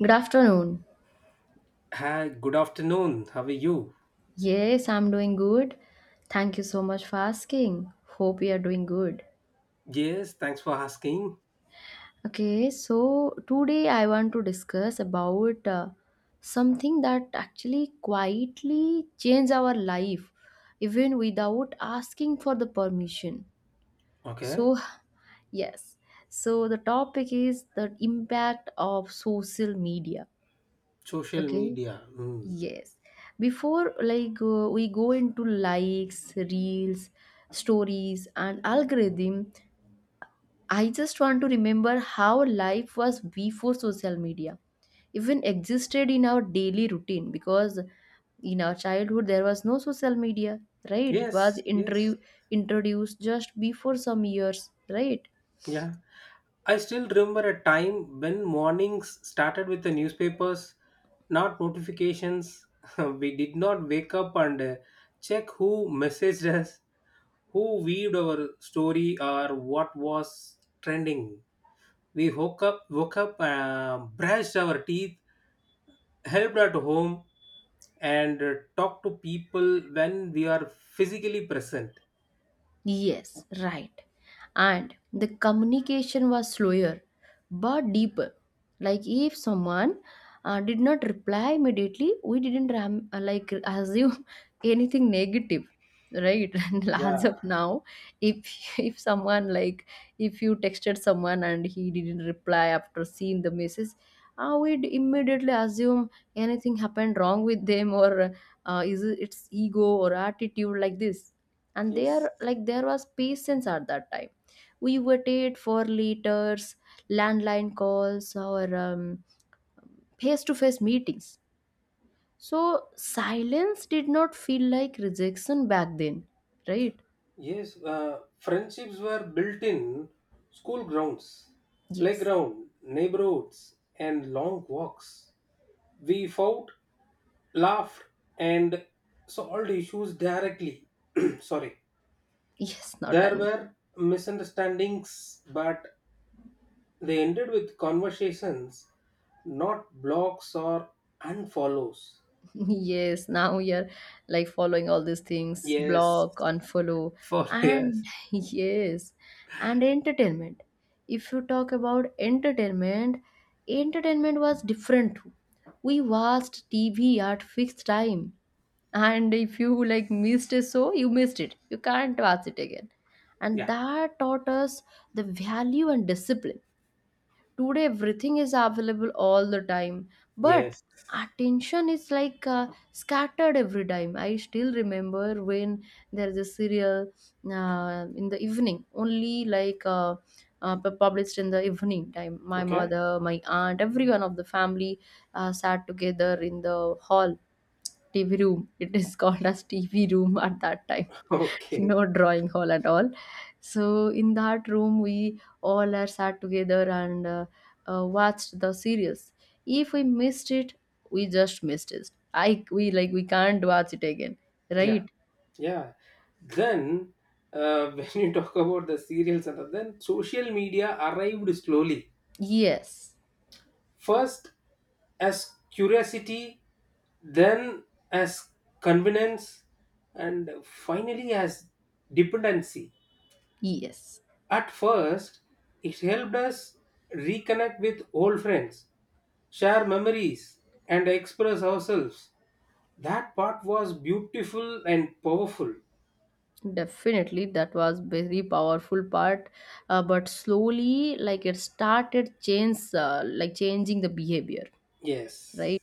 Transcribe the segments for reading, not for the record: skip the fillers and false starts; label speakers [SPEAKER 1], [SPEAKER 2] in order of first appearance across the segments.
[SPEAKER 1] Good afternoon.
[SPEAKER 2] Hi, good afternoon. How are you?
[SPEAKER 1] Yes, I'm doing good. Thank you so much for asking. Hope you are doing good.
[SPEAKER 2] Yes, thanks for asking.
[SPEAKER 1] Okay, so today I want to discuss about something that actually quietly changes our life even without asking for the permission.
[SPEAKER 2] Okay.
[SPEAKER 1] So, yes. So the topic is the impact of social media.
[SPEAKER 2] Social
[SPEAKER 1] Okay.
[SPEAKER 2] media. Hmm.
[SPEAKER 1] Yes. Before like we go into likes, reels, stories and algorithm, I just want to remember how life was before social media even existed in our daily routine, because in our childhood there was no social media, right? It was
[SPEAKER 2] Yes, yes.
[SPEAKER 1] introduced just before some years, right?
[SPEAKER 2] Yeah. I still remember a time when mornings started with the newspapers, not notifications. We did not wake up and check who messaged us, who viewed our story, or what was trending. We woke up, brushed our teeth, helped at home, and talk to people when we are physically present.
[SPEAKER 1] Yes, right. And the communication was slower but deeper, like if someone did not reply immediately, we didn't like assume anything negative, right? And as of
[SPEAKER 2] Yeah,
[SPEAKER 1] now, if someone, like, if you texted someone and he didn't reply after seeing the message, we'd immediately assume anything happened wrong with them, or is it, it's ego or attitude like this. And there,
[SPEAKER 2] yes.
[SPEAKER 1] like, there was patience at that time. We waited for letters, landline calls, or face-to-face meetings. So silence did not feel like rejection back then, right?
[SPEAKER 2] Yes, friendships were built in school grounds,
[SPEAKER 1] Yes,
[SPEAKER 2] playground, neighborhoods, and long walks. We fought, laughed, and solved issues directly. Sorry.
[SPEAKER 1] yes, not
[SPEAKER 2] There
[SPEAKER 1] an
[SPEAKER 2] were misunderstandings, but they ended with conversations, not blocks or unfollows.
[SPEAKER 1] yes. Now you're, like, following all these things,
[SPEAKER 2] Yes.
[SPEAKER 1] block, unfollow.
[SPEAKER 2] Four
[SPEAKER 1] And
[SPEAKER 2] years.
[SPEAKER 1] yes. And entertainment, if you talk about entertainment, entertainment was different too. We watched TV at fixed time, and if you, like, missed it, so you missed it, you can't watch it again. And
[SPEAKER 2] Yeah.
[SPEAKER 1] that taught us the value and discipline. Today everything is available all the time, but
[SPEAKER 2] Yes.
[SPEAKER 1] attention is like scattered every time. I still remember, when there is a serial in the evening only, like published in the evening time, my
[SPEAKER 2] Okay.
[SPEAKER 1] mother, my aunt, everyone of the family sat together in the hall, TV room. It is called as TV room at that time.
[SPEAKER 2] Okay.
[SPEAKER 1] No drawing hall at all. So in that room we all are sat together, and watched the series. If we missed it, we just missed it. I, we, like, we can't watch it again,
[SPEAKER 2] Yeah.
[SPEAKER 1] right?
[SPEAKER 2] Yeah. Then, when you talk about the serials and all, then social media arrived slowly.
[SPEAKER 1] Yes,
[SPEAKER 2] First as curiosity, then as convenience, and finally as dependency.
[SPEAKER 1] yes,
[SPEAKER 2] At first, it helped us reconnect with old friends, share memories, and express ourselves. That part was beautiful and powerful.
[SPEAKER 1] definitely. That was very powerful part, but slowly, like it started change, like changing the behavior,
[SPEAKER 2] Yes.
[SPEAKER 1] right?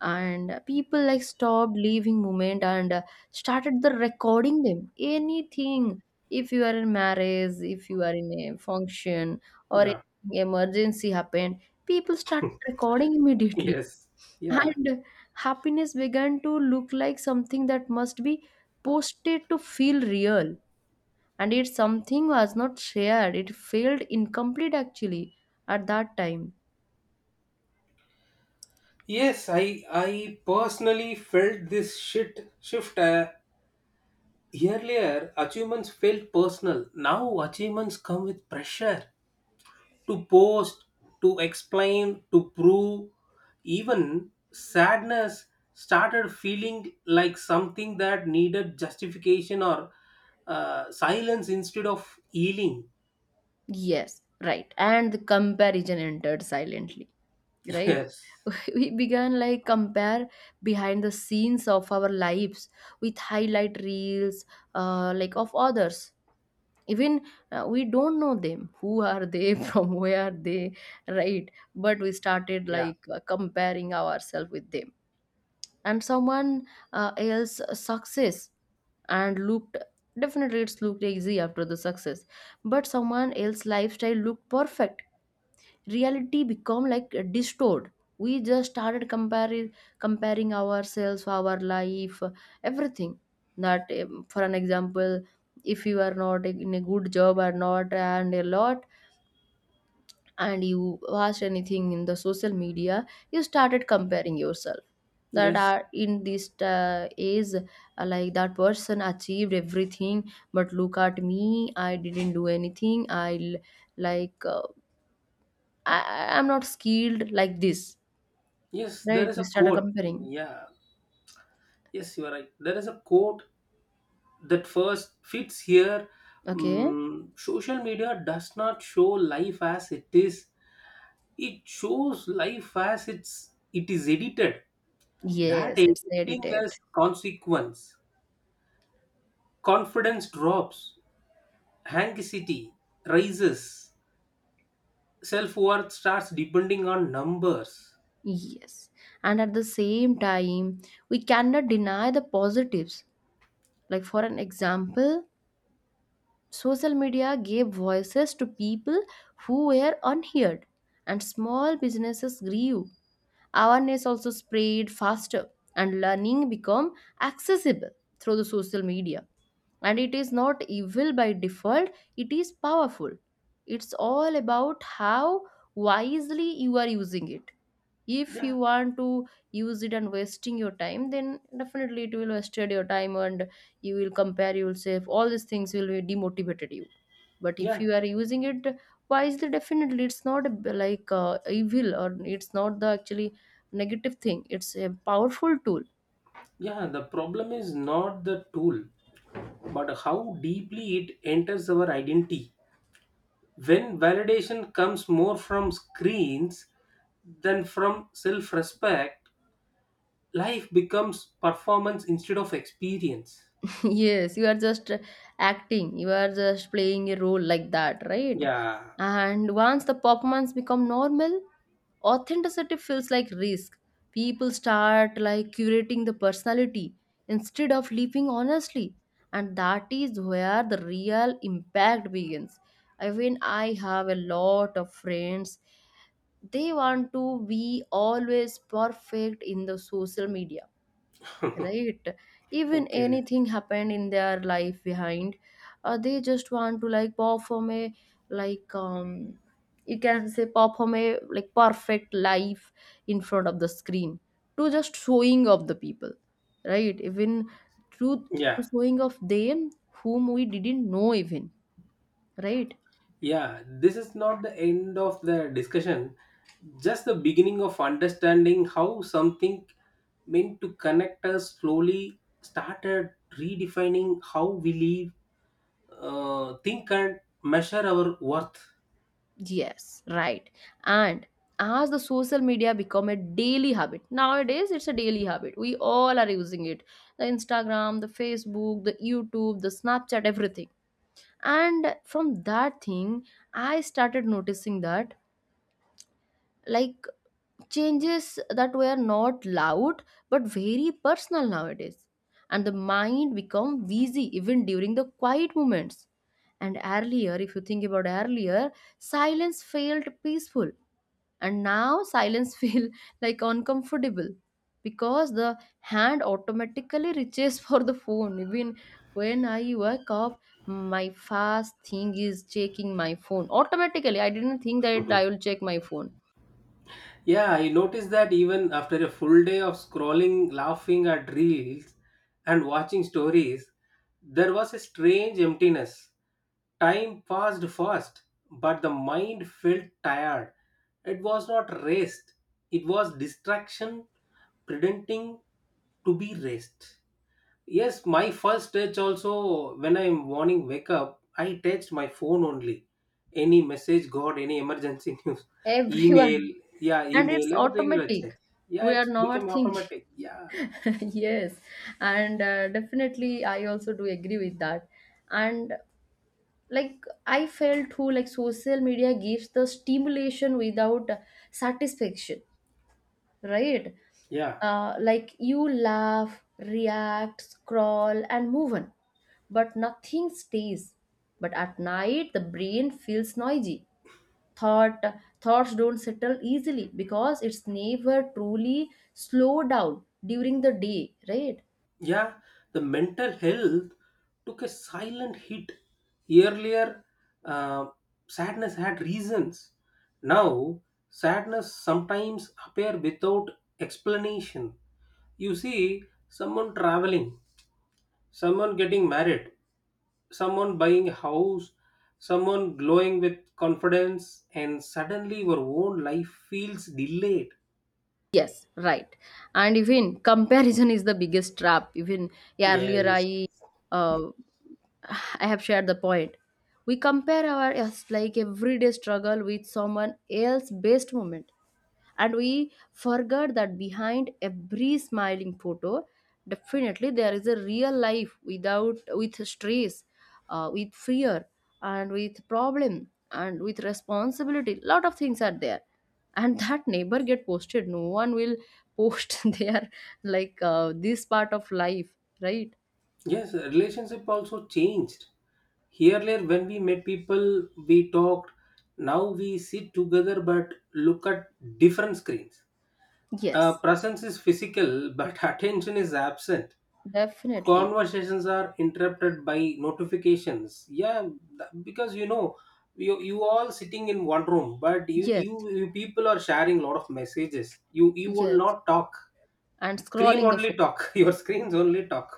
[SPEAKER 1] And people, like, stopped leaving moment, and started the recording them anything. If you are in marriage, if you are in a function, or an
[SPEAKER 2] Yeah.
[SPEAKER 1] emergency happened, people started recording immediately.
[SPEAKER 2] Yes. Yeah.
[SPEAKER 1] And happiness began to look like something that must be posted to feel real. And it something was not shared, it felt incomplete actually at that time.
[SPEAKER 2] Yes, I personally felt this shit shift. Earlier, achievements felt personal. Now, achievements come with pressure to post, to explain, to prove. Even sadness started feeling like something that needed justification or silence instead of healing.
[SPEAKER 1] Yes, right. And the comparison entered silently, right?
[SPEAKER 2] Yes.
[SPEAKER 1] We began, like, compare behind the scenes of our lives with highlight reels, like of others. Even, we don't know them. Who are they? From where are they? Right? But we started,
[SPEAKER 2] Yeah.
[SPEAKER 1] like, comparing ourselves with them, and someone else's success, and looked, definitely, it's looked easy after the success, but someone else's lifestyle looked perfect. Reality become like distorted. We just started comparing, comparing ourselves, our life, everything. That for an example, if you are not in a good job or not, and a lot, and you watched anything in the social media, you started comparing yourself, that
[SPEAKER 2] Yes.
[SPEAKER 1] are in this age, like that person achieved everything, but look at me, I didn't do anything. Like, I'm not skilled like this,
[SPEAKER 2] Yes. There
[SPEAKER 1] right?
[SPEAKER 2] is
[SPEAKER 1] We
[SPEAKER 2] a
[SPEAKER 1] started
[SPEAKER 2] quote.
[SPEAKER 1] comparing.
[SPEAKER 2] Yeah. Yes, you are right. There is a quote that first fits here.
[SPEAKER 1] Okay.
[SPEAKER 2] Social media does not show life as it is. It shows life as it is edited. That
[SPEAKER 1] Yes, it's
[SPEAKER 2] editing
[SPEAKER 1] edited.
[SPEAKER 2] has consequence. Confidence drops. Anxiety rises. Self worth starts depending on numbers.
[SPEAKER 1] Yes. And at the same time, we cannot deny the positives, like for an example, social media gave voices to people who were unheard, and small businesses grew. Awareness also spread faster, and learning became accessible through the social media. And it is not evil by default, it is powerful. It's all about how wisely you are using it. If
[SPEAKER 2] Yeah.
[SPEAKER 1] you want to use it and wasting your time, then definitely it will wasted your time, and you will compare yourself, all these things will be demotivated you. But if
[SPEAKER 2] Yeah.
[SPEAKER 1] you are using it wisely, definitely it's not a like evil, or it's not the actually negative thing. It's a powerful tool.
[SPEAKER 2] Yeah. The problem is not the tool, but how deeply it enters our identity. When validation comes more from screens than from self respect, life becomes performance instead of experience.
[SPEAKER 1] Yes, you are just acting. You are just playing a role like that, right?
[SPEAKER 2] Yeah.
[SPEAKER 1] And once the performance become normal, authenticity feels like risk. People start, like, curating the personality instead of living honestly, and that is where the real impact begins. I mean, I have a lot of friends. They want to be always perfect in the social media, right? Even
[SPEAKER 2] Okay.
[SPEAKER 1] anything happened in their life behind, they just want to, like, perform a, like, you can say, perform a, like, perfect life in front of the screen, to just showing of the people, right? Even to,
[SPEAKER 2] Yeah.
[SPEAKER 1] showing of them whom we didn't know even, right?
[SPEAKER 2] Yeah. This is not the end of the discussion, just the beginning of understanding how something meant to connect us slowly started redefining how we live, think and measure our worth.
[SPEAKER 1] Yes, right. And as the social media become a daily habit, nowadays it's a daily habit. We all are using it. The Instagram, the Facebook, the YouTube, the Snapchat, everything. And from that thing, I started noticing that, like, changes that were not loud but very personal nowadays. And the mind become busy even during the quiet moments. And earlier, if you think about earlier, silence felt peaceful, and now silence feel like uncomfortable, because the hand automatically reaches for the phone. Even when I wake up, my first thing is checking my phone. Automatically, I didn't think that I will
[SPEAKER 2] Mhm.
[SPEAKER 1] check my phone.
[SPEAKER 2] Yeah, I noticed that even after a full day of scrolling, laughing at reels, and watching stories, there was a strange emptiness. Time passed fast, but the mind felt tired. It was not rest, it was distraction pretending to be rest. Yes, my first touch also when I'm morning wake up, I text my phone only. Any message got, any emergency news, email,
[SPEAKER 1] Everyone.
[SPEAKER 2] yeah,
[SPEAKER 1] And it's
[SPEAKER 2] email, everything I check.
[SPEAKER 1] automatic.
[SPEAKER 2] Yeah,
[SPEAKER 1] We are
[SPEAKER 2] it's became
[SPEAKER 1] not thinking.
[SPEAKER 2] automatic. Yeah,
[SPEAKER 1] Yes. And definitely I also do agree with that. And, like, I felt too, like social media gives the stimulation without satisfaction, right?
[SPEAKER 2] yeah,
[SPEAKER 1] Like, you laugh, react, scroll, and move on, but nothing stays. But at night, the brain feels noisy. thought Thoughts don't settle easily, because it's never truly slowed down during the day, right?
[SPEAKER 2] yeah. The mental health took a silent hit. Earlier, uh, sadness had reasons. Now, sadness sometimes appear without explanation. You see someone traveling, someone getting married, someone buying a house, someone glowing with confidence, and suddenly your own life feels delayed.
[SPEAKER 1] Yes, right. And even comparison is the biggest trap. Even earlier,
[SPEAKER 2] Yes.
[SPEAKER 1] I, uh, I have shared the point. We compare our, yes, like, everyday struggle with someone else based moment, and we forget that behind every smiling photo, definitely there is a real life without, with stress, with fear, and with problem, and with responsibility. Lot of things are there. And that neighbor get posted, no one will post their, like, this part of life, right?
[SPEAKER 2] Yes, relationship also changed. Earlier, when we met people, we talked. Now we sit together but look at different screens.
[SPEAKER 1] Yes,
[SPEAKER 2] Presence is physical, but attention is absent.
[SPEAKER 1] definitely.
[SPEAKER 2] Conversations are interrupted by notifications, yeah, because you know you, all sitting in one room, but you,
[SPEAKER 1] Yes,
[SPEAKER 2] you you people are sharing a lot of messages, you will
[SPEAKER 1] yes.
[SPEAKER 2] not talk,
[SPEAKER 1] And
[SPEAKER 2] screen
[SPEAKER 1] scrolling the phone.
[SPEAKER 2] only talk, your screens only talk,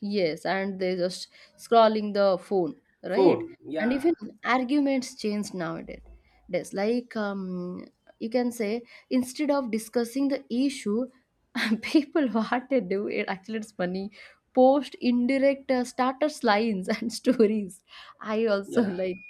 [SPEAKER 1] Yes, and they just scrolling the phone, right?
[SPEAKER 2] phone.
[SPEAKER 1] And
[SPEAKER 2] Yeah,
[SPEAKER 1] even arguments change nowadays. That's like, you can say, instead of discussing the issue, people, what they do, it actually, it's funny. Post indirect status lines and stories. I also,
[SPEAKER 2] yeah.
[SPEAKER 1] like,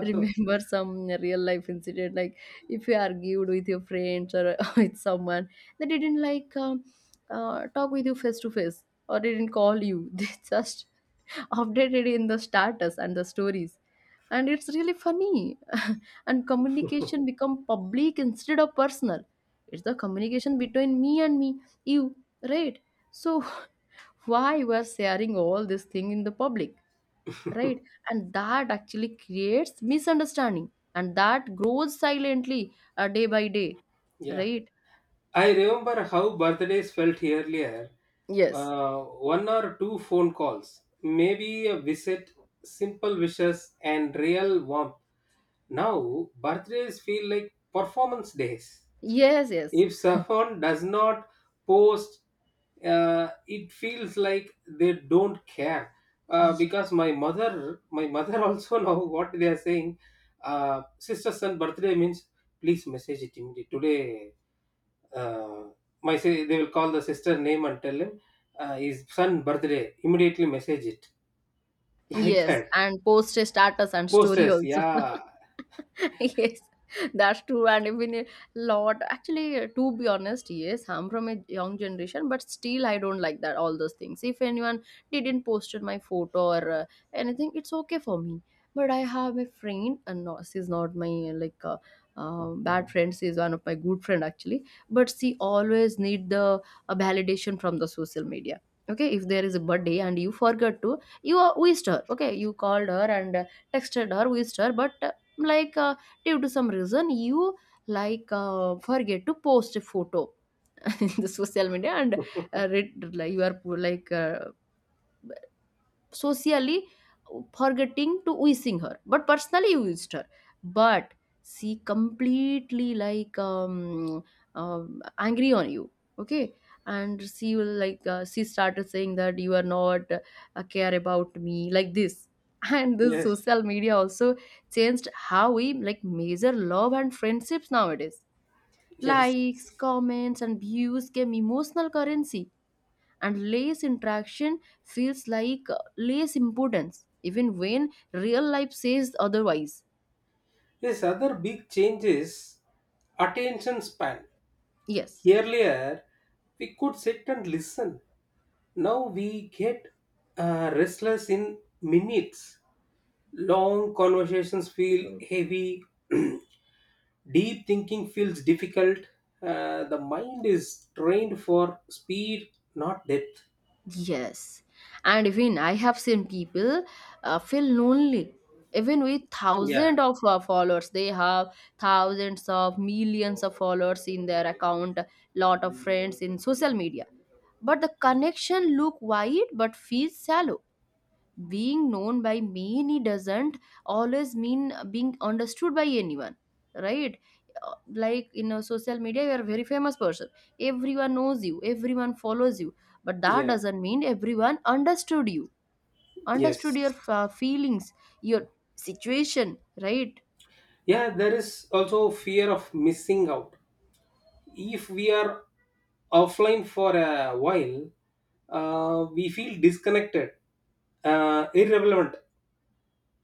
[SPEAKER 1] remember some real life incident, like if you argued with your friends or with someone, they didn't, like, talk with you face to face, or they didn't call you. They just updated in the status and the stories, and it's really funny. And communication become public instead of personal. It's the communication between me and me, you, right? So why we're sharing all this thing in the public, right? And that actually creates misunderstanding, and that grows silently, day by day,
[SPEAKER 2] Yeah.
[SPEAKER 1] right?
[SPEAKER 2] I remember how birthdays felt earlier,
[SPEAKER 1] Yes.
[SPEAKER 2] one or two phone calls, maybe a visit, simple wishes and real warmth. Now, birthdays feel like performance days.
[SPEAKER 1] Yes,
[SPEAKER 2] If someone does not post, it feels like they don't care.
[SPEAKER 1] yes.
[SPEAKER 2] Because my mother also know what they are saying. Sister son birthday means please message it immediately today. Uh, they will call the sister name and tell him, his son birthday, immediately message it, like
[SPEAKER 1] Yes,
[SPEAKER 2] that.
[SPEAKER 1] and post a status and story
[SPEAKER 2] Posters,
[SPEAKER 1] also.
[SPEAKER 2] yeah,
[SPEAKER 1] Yes, that's true. And even a lot, actually, to be honest, yes, I'm from a young generation, but still, I don't like that, all those things. If anyone didn't posted my photo, or anything, it's okay for me. But I have a friend, and no, she's not my like bad friend. She's one of my good friend actually. But she always need the validation from the social media. Okay, if there is a birthday and you forgot to, you wished her, okay, you called her and texted her, wished her, but like uh, due to some reason you forget to post a photo in the social media and read, like, you are like socially forgetting to using her but personally used her, but she completely angry on you, okay, and she will she started saying that you are not care about me like this. And this
[SPEAKER 2] yes,
[SPEAKER 1] social media also changed how we like measure love and friendships nowadays.
[SPEAKER 2] yes.
[SPEAKER 1] Likes, comments and views came emotional currency, and less interaction feels like less importance even when real life says otherwise.
[SPEAKER 2] Yes, other big change is attention span.
[SPEAKER 1] Yes,
[SPEAKER 2] Earlier, we could sit and listen. Now we get restless in minutes. Long conversations feel heavy. Deep thinking feels difficult. The mind is trained for speed, not depth.
[SPEAKER 1] yes, and even I have seen people feel lonely even with
[SPEAKER 2] Yeah.
[SPEAKER 1] thousands of followers they have, thousands of millions of followers in their account, lot of friends in social media, but the connection look wide but feels shallow. Being known by many doesn't always mean being understood by anyone, right? Uh, like in a social media you are a very famous person, everyone knows you, everyone follows you, but that
[SPEAKER 2] Yeah,
[SPEAKER 1] doesn't mean everyone understood you, understood your
[SPEAKER 2] yes.
[SPEAKER 1] feelings, your situation, right?
[SPEAKER 2] Yeah, there is also fear of missing out. If we are offline for a while, we feel disconnected, irrelevant,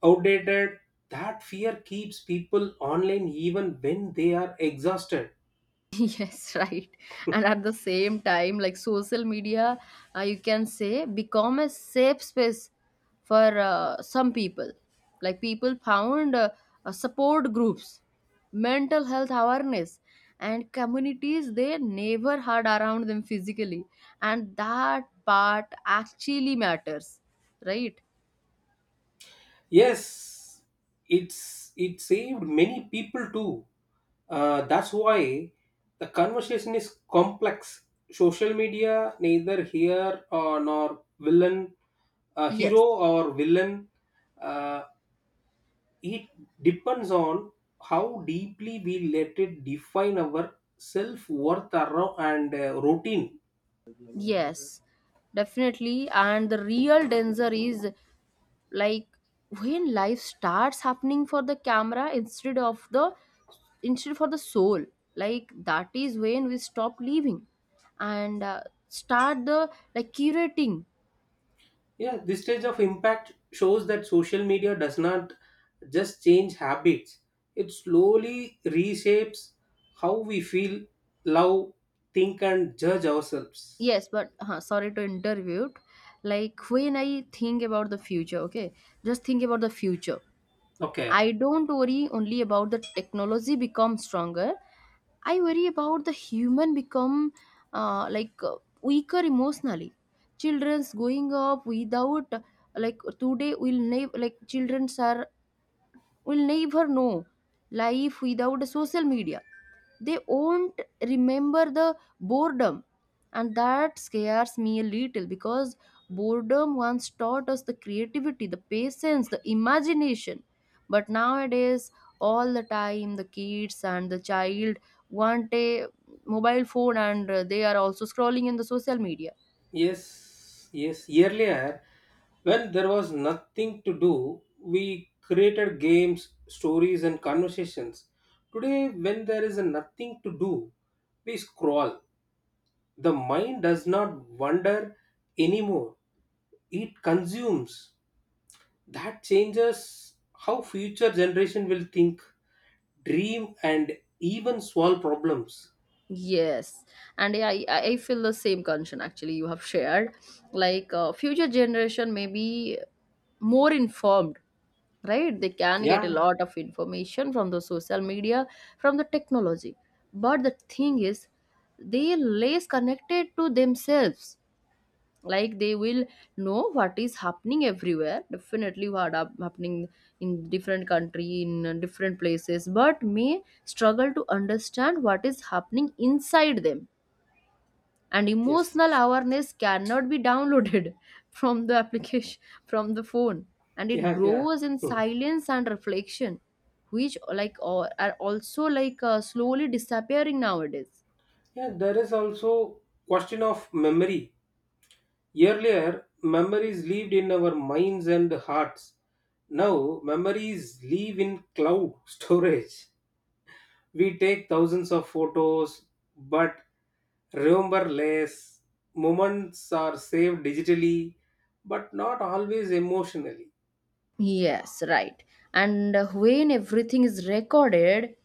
[SPEAKER 2] outdated. That fear keeps people online even when they are exhausted.
[SPEAKER 1] Yes, right, and at the same time, like, social media, you can say, become a safe space for some people. Like people found support groups, mental health awareness, and communities they never had around them physically, and that part actually matters, right?
[SPEAKER 2] Yes, it saved many people too. That's why the conversation is complex. Social media neither here or nor villain, hero
[SPEAKER 1] Yes,
[SPEAKER 2] or villain. Uh, it depends on how deeply we let it define our self-worth, and routine.
[SPEAKER 1] yes, definitely, and the real danger is, like, when life starts happening for the camera instead of the, instead for the soul. Like that is when we stop living and start the like curating.
[SPEAKER 2] Yeah. This stage of impact shows that social media does not just change habits. It slowly reshapes how we feel, love, think and judge ourselves.
[SPEAKER 1] Yes, but sorry to interrupt, like, when I think about the future, okay, just think about the future.
[SPEAKER 2] Okay.
[SPEAKER 1] I don't worry only about the technology become stronger. I worry about the human become uh, like uh, weaker emotionally. Children's going up without like today will never like childrens are will never know life without social media. They won't remember the boredom, and that scares me a little because boredom once taught us the creativity, the patience, the imagination. But nowadays, all the time, the kids and the child want a mobile phone and they are also scrolling in the social media.
[SPEAKER 2] Yes, yes. Earlier, when there was nothing to do, we created games, stories, and conversations. Today, when there is nothing to do, we scroll. The mind does not wander anymore, it consumes. That changes how future generation will think, dream, and even solve problems.
[SPEAKER 1] Yes, and yeah, I feel the same concern actually you have shared. Future generation may be more informed, right? They can get a
[SPEAKER 2] Yeah,
[SPEAKER 1] lot of information from the social media, from the technology. But the thing is, they less connected to themselves, like they will know what is happening everywhere, definitely what are happening in different country in different places but may struggle to understand what is happening inside them, and
[SPEAKER 2] yes.
[SPEAKER 1] emotional awareness cannot be downloaded from the application from the phone, and it
[SPEAKER 2] Yeah, yeah.
[SPEAKER 1] grows in silence and reflection, which like or are also slowly disappearing nowadays.
[SPEAKER 2] Yeah, there is also question of memory. Earlier, memories lived in our minds and hearts. Now, memories live in cloud storage. We take thousands of photos but remember less. Moments are saved digitally but not always emotionally.
[SPEAKER 1] Yes, right, and when everything is recorded,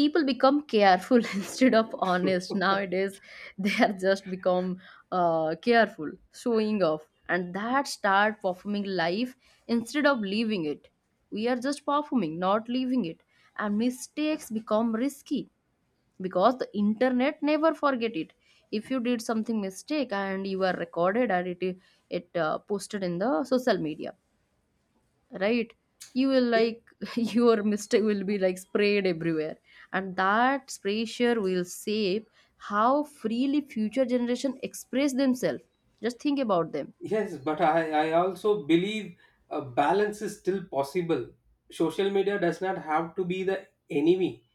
[SPEAKER 1] people become careful instead of honest nowadays, they are just become careful, showing off, and that start performing life instead of living it. We are just performing, not living it, and mistakes become risky because the internet never forget it. If you did something mistake and you are recorded and it posted in the social media, right, you will like your mistake will be like sprayed everywhere, and that spray share will shape how freely future generation express themselves. Just think about them.
[SPEAKER 2] Yes, but I also believe a balance is still possible. Social media does not have to be the enemy.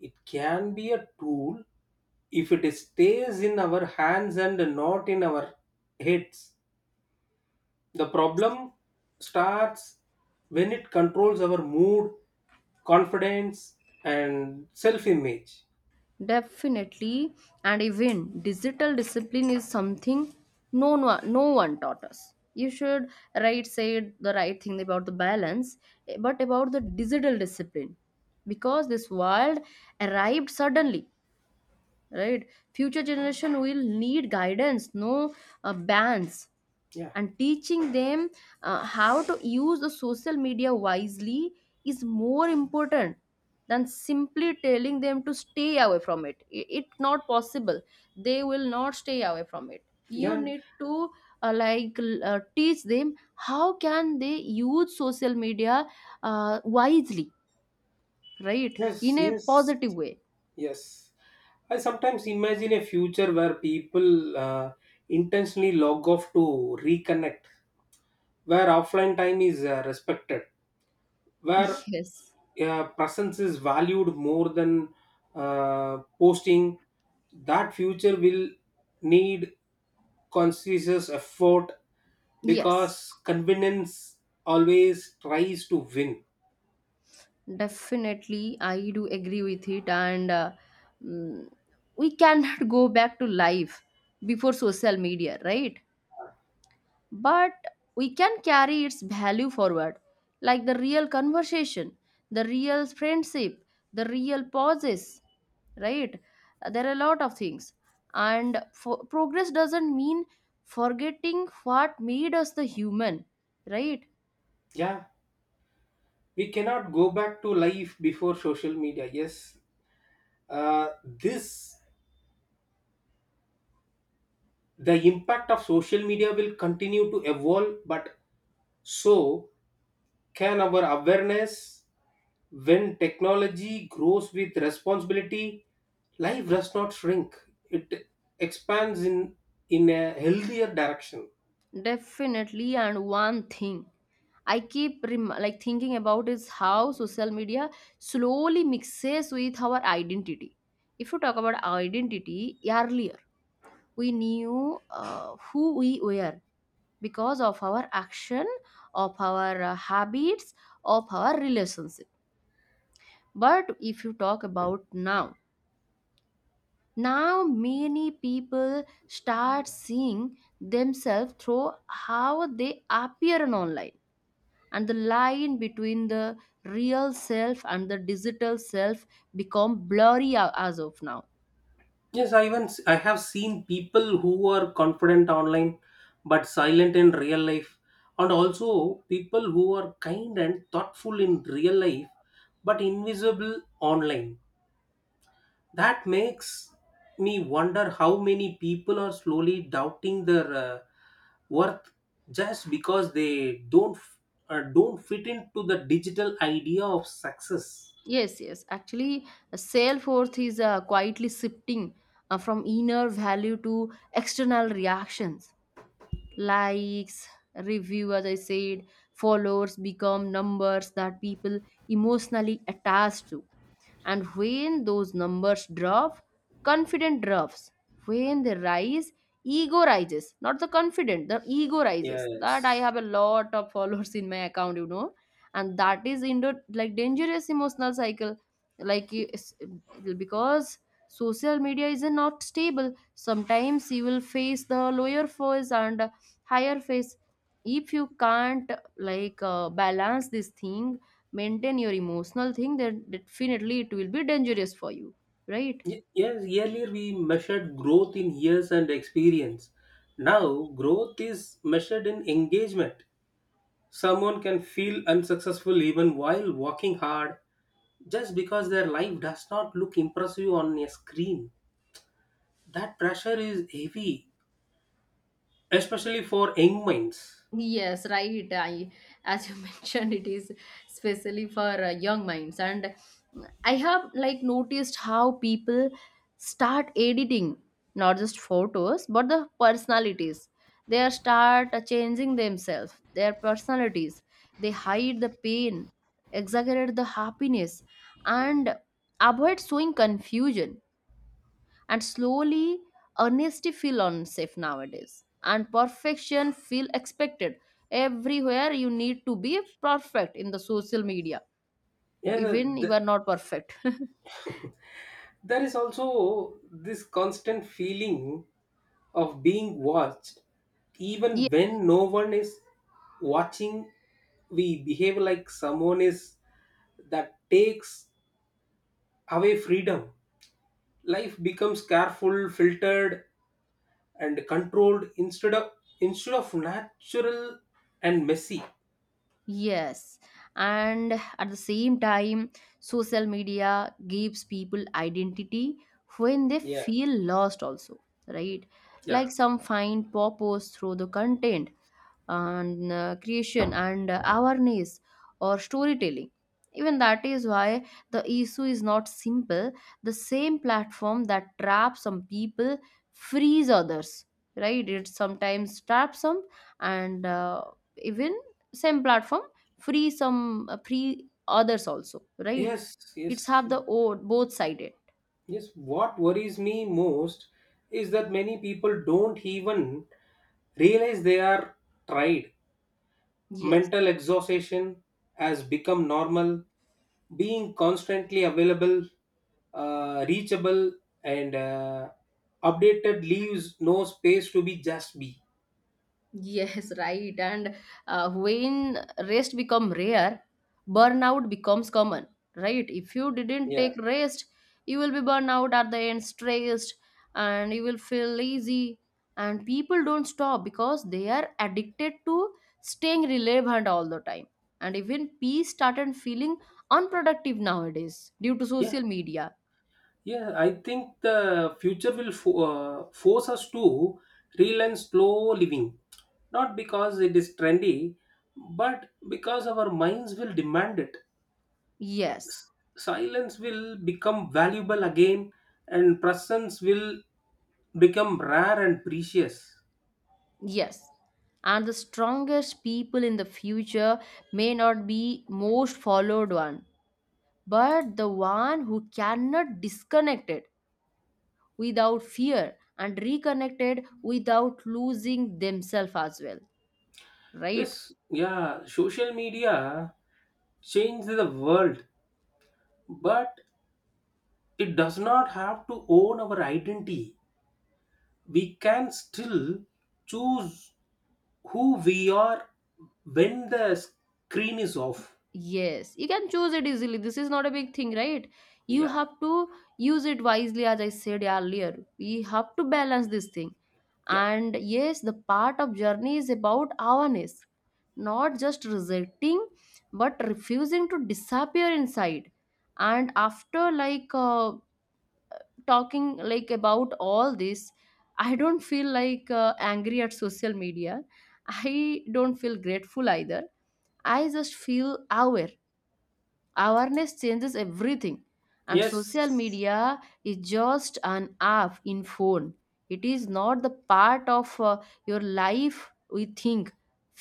[SPEAKER 2] It can be a tool if it stays in our hands and not in our heads. The problem starts when it controls our mood, confidence, and self image.
[SPEAKER 1] Definitely, and even digital discipline is something no one taught us. You should, right, say the right thing about the balance, eh, but about the digital discipline, because this world arrived suddenly, right? Future generation will need guidance, no bans,
[SPEAKER 2] Yeah.
[SPEAKER 1] and teaching them how to use the social media wisely is more important than simply telling them to stay away from it. It not possible, they will not stay away from it. You
[SPEAKER 2] Yeah.
[SPEAKER 1] need to teach them how can they use social media wisely, right, in
[SPEAKER 2] Yes.
[SPEAKER 1] a
[SPEAKER 2] Yes.
[SPEAKER 1] positive way.
[SPEAKER 2] Yes, I sometimes imagine a future where people intentionally log off to reconnect, where offline time is respected, where
[SPEAKER 1] Yes,
[SPEAKER 2] presence is valued more than posting. That future will need conscious effort
[SPEAKER 1] yes.
[SPEAKER 2] because convenience always tries to win.
[SPEAKER 1] Definitely, I do agree with it, and mm, we cannot go back to life before social media, right? But we can carry its value forward, like the real conversation, the real friendship, the real pauses, right? There are a lot of things, and for, progress doesn't mean forgetting what made us the human, right?
[SPEAKER 2] Yeah, we cannot go back to life before social media. Yes. This the impact of social media will continue to evolve, but so can our awareness. When technology grows with responsibility, life does not shrink, it expands in a healthier direction.
[SPEAKER 1] Definitely, and one thing. I keep thinking about is how social media slowly mixes with our identity. If you talk about identity, earlier we knew who we were because of our action, of our habits, of our relationship. But if you talk about now, now many people start seeing themselves through how they appear on online, and the line between the real self and the digital self become blurry as of now.
[SPEAKER 2] Yes, I have seen people who are confident online but silent in real life, and also people who are kind and thoughtful in real life but invisible online. That makes me wonder how many people are slowly doubting their worth just because they don't fit into the digital idea of success.
[SPEAKER 1] Yes, yes, actually self worth is quietly shifting from inner value to external reactions. Likes, review, as I said, followers become numbers that people emotionally attach to. And when those numbers drop, confidence drops. When they rise, ego rises. Not the confident, the ego rises. That I
[SPEAKER 2] Yes.
[SPEAKER 1] have a lot of followers in my account, you know. And that is in the like dangerous emotional cycle. Like you- it's- because social media is not stable. Sometimes you will face the lower phase and higher phase. If you can't balance this thing, maintain your emotional thing, then definitely it will be dangerous for you, right?
[SPEAKER 2] Yes, earlier we measured growth in years and experience. Now, growth is measured in engagement. Someone can feel unsuccessful even while working hard just because their life does not look impressive on a screen. That pressure is heavy, especially for young minds.
[SPEAKER 1] Yes, right. I, as you mentioned, it is especially for young minds, and I have like noticed how people start editing not just photos but the personalities. They are start changing themselves, their personalities. They hide the pain, exaggerate the happiness, and avoid showing confusion, and slowly honesty feel unsafe nowadays and perfection feel expected. Everywhere you need to be perfect in the social media,
[SPEAKER 2] Yeah,
[SPEAKER 1] even you
[SPEAKER 2] th-
[SPEAKER 1] are not perfect.
[SPEAKER 2] there is also this constant feeling of being watched.
[SPEAKER 1] Ye-
[SPEAKER 2] Even when no one is watching, we behave like someone is, that takes away freedom. Life becomes careful, filtered, and controlled instead of natural and messy.
[SPEAKER 1] yes, and at the same time social media gives people identity when they
[SPEAKER 2] Yeah.
[SPEAKER 1] feel lost also, right?
[SPEAKER 2] Yeah.
[SPEAKER 1] Like some find purpose through the content and creation and awareness or storytelling. Even that is why the issue is not simple. The same platform that traps some people frees others, right? It sometimes traps some and even same platform free some, free others also, right?
[SPEAKER 2] Yes,
[SPEAKER 1] It's
[SPEAKER 2] yes.
[SPEAKER 1] have the both sided.
[SPEAKER 2] Yes, what worries me most is that many people don't even realize they are tried.
[SPEAKER 1] Yes.
[SPEAKER 2] Mental exhaustion has become normal. Being constantly available, reachable, and updated leaves no space to be just be.
[SPEAKER 1] Yes, right. And when rest become rare, burnout becomes common, right? If you didn't
[SPEAKER 2] Yeah.
[SPEAKER 1] take rest, you will be burned out at the end, stressed, and you will feel lazy. And people don't stop because they are addicted to staying relevant all the time. And even peace started feeling unproductive nowadays due to
[SPEAKER 2] Yeah.
[SPEAKER 1] social media.
[SPEAKER 2] Yeah, I think the future will force us to relearn slow living, not because it is trendy, but because our minds will demand it.
[SPEAKER 1] Yes.
[SPEAKER 2] Silence will become valuable again, and presence will become rare and precious.
[SPEAKER 1] Yes. And the strongest people in the future may not be most followed one, but the one who cannot disconnect it without fear and reconnected without losing themselves as well, right?
[SPEAKER 2] Yes, yeah, social media changed the world, but it does not have to own our identity. We can still choose who we are when the screen is off.
[SPEAKER 1] Yes, you can choose it easily. This is not a big thing, right? You
[SPEAKER 2] Yeah,
[SPEAKER 1] have to use it wisely, as I said earlier. We have to balance this thing.
[SPEAKER 2] yeah.
[SPEAKER 1] And yes, the part of journey is about awareness, not just rejecting, but refusing to disappear inside. And after talking like about all this, I don't feel angry at social media. I don't feel grateful either. I just feel aware. Awareness changes everything, and
[SPEAKER 2] Yes,
[SPEAKER 1] social media is just an app in phone. It is not the part of your life. We think,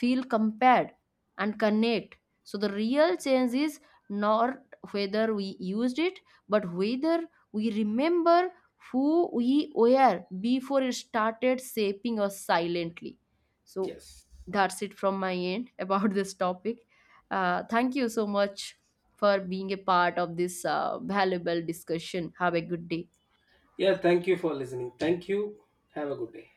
[SPEAKER 1] feel, compared and connect. So the real change is not whether we used it but whether we remember who we were before it started shaping us silently. So
[SPEAKER 2] yes.
[SPEAKER 1] that's it from my end about this topic. Thank you so much for being a part of this valuable discussion. Have a good day.
[SPEAKER 2] Yeah, thank you for listening. Thank you. Have a good day.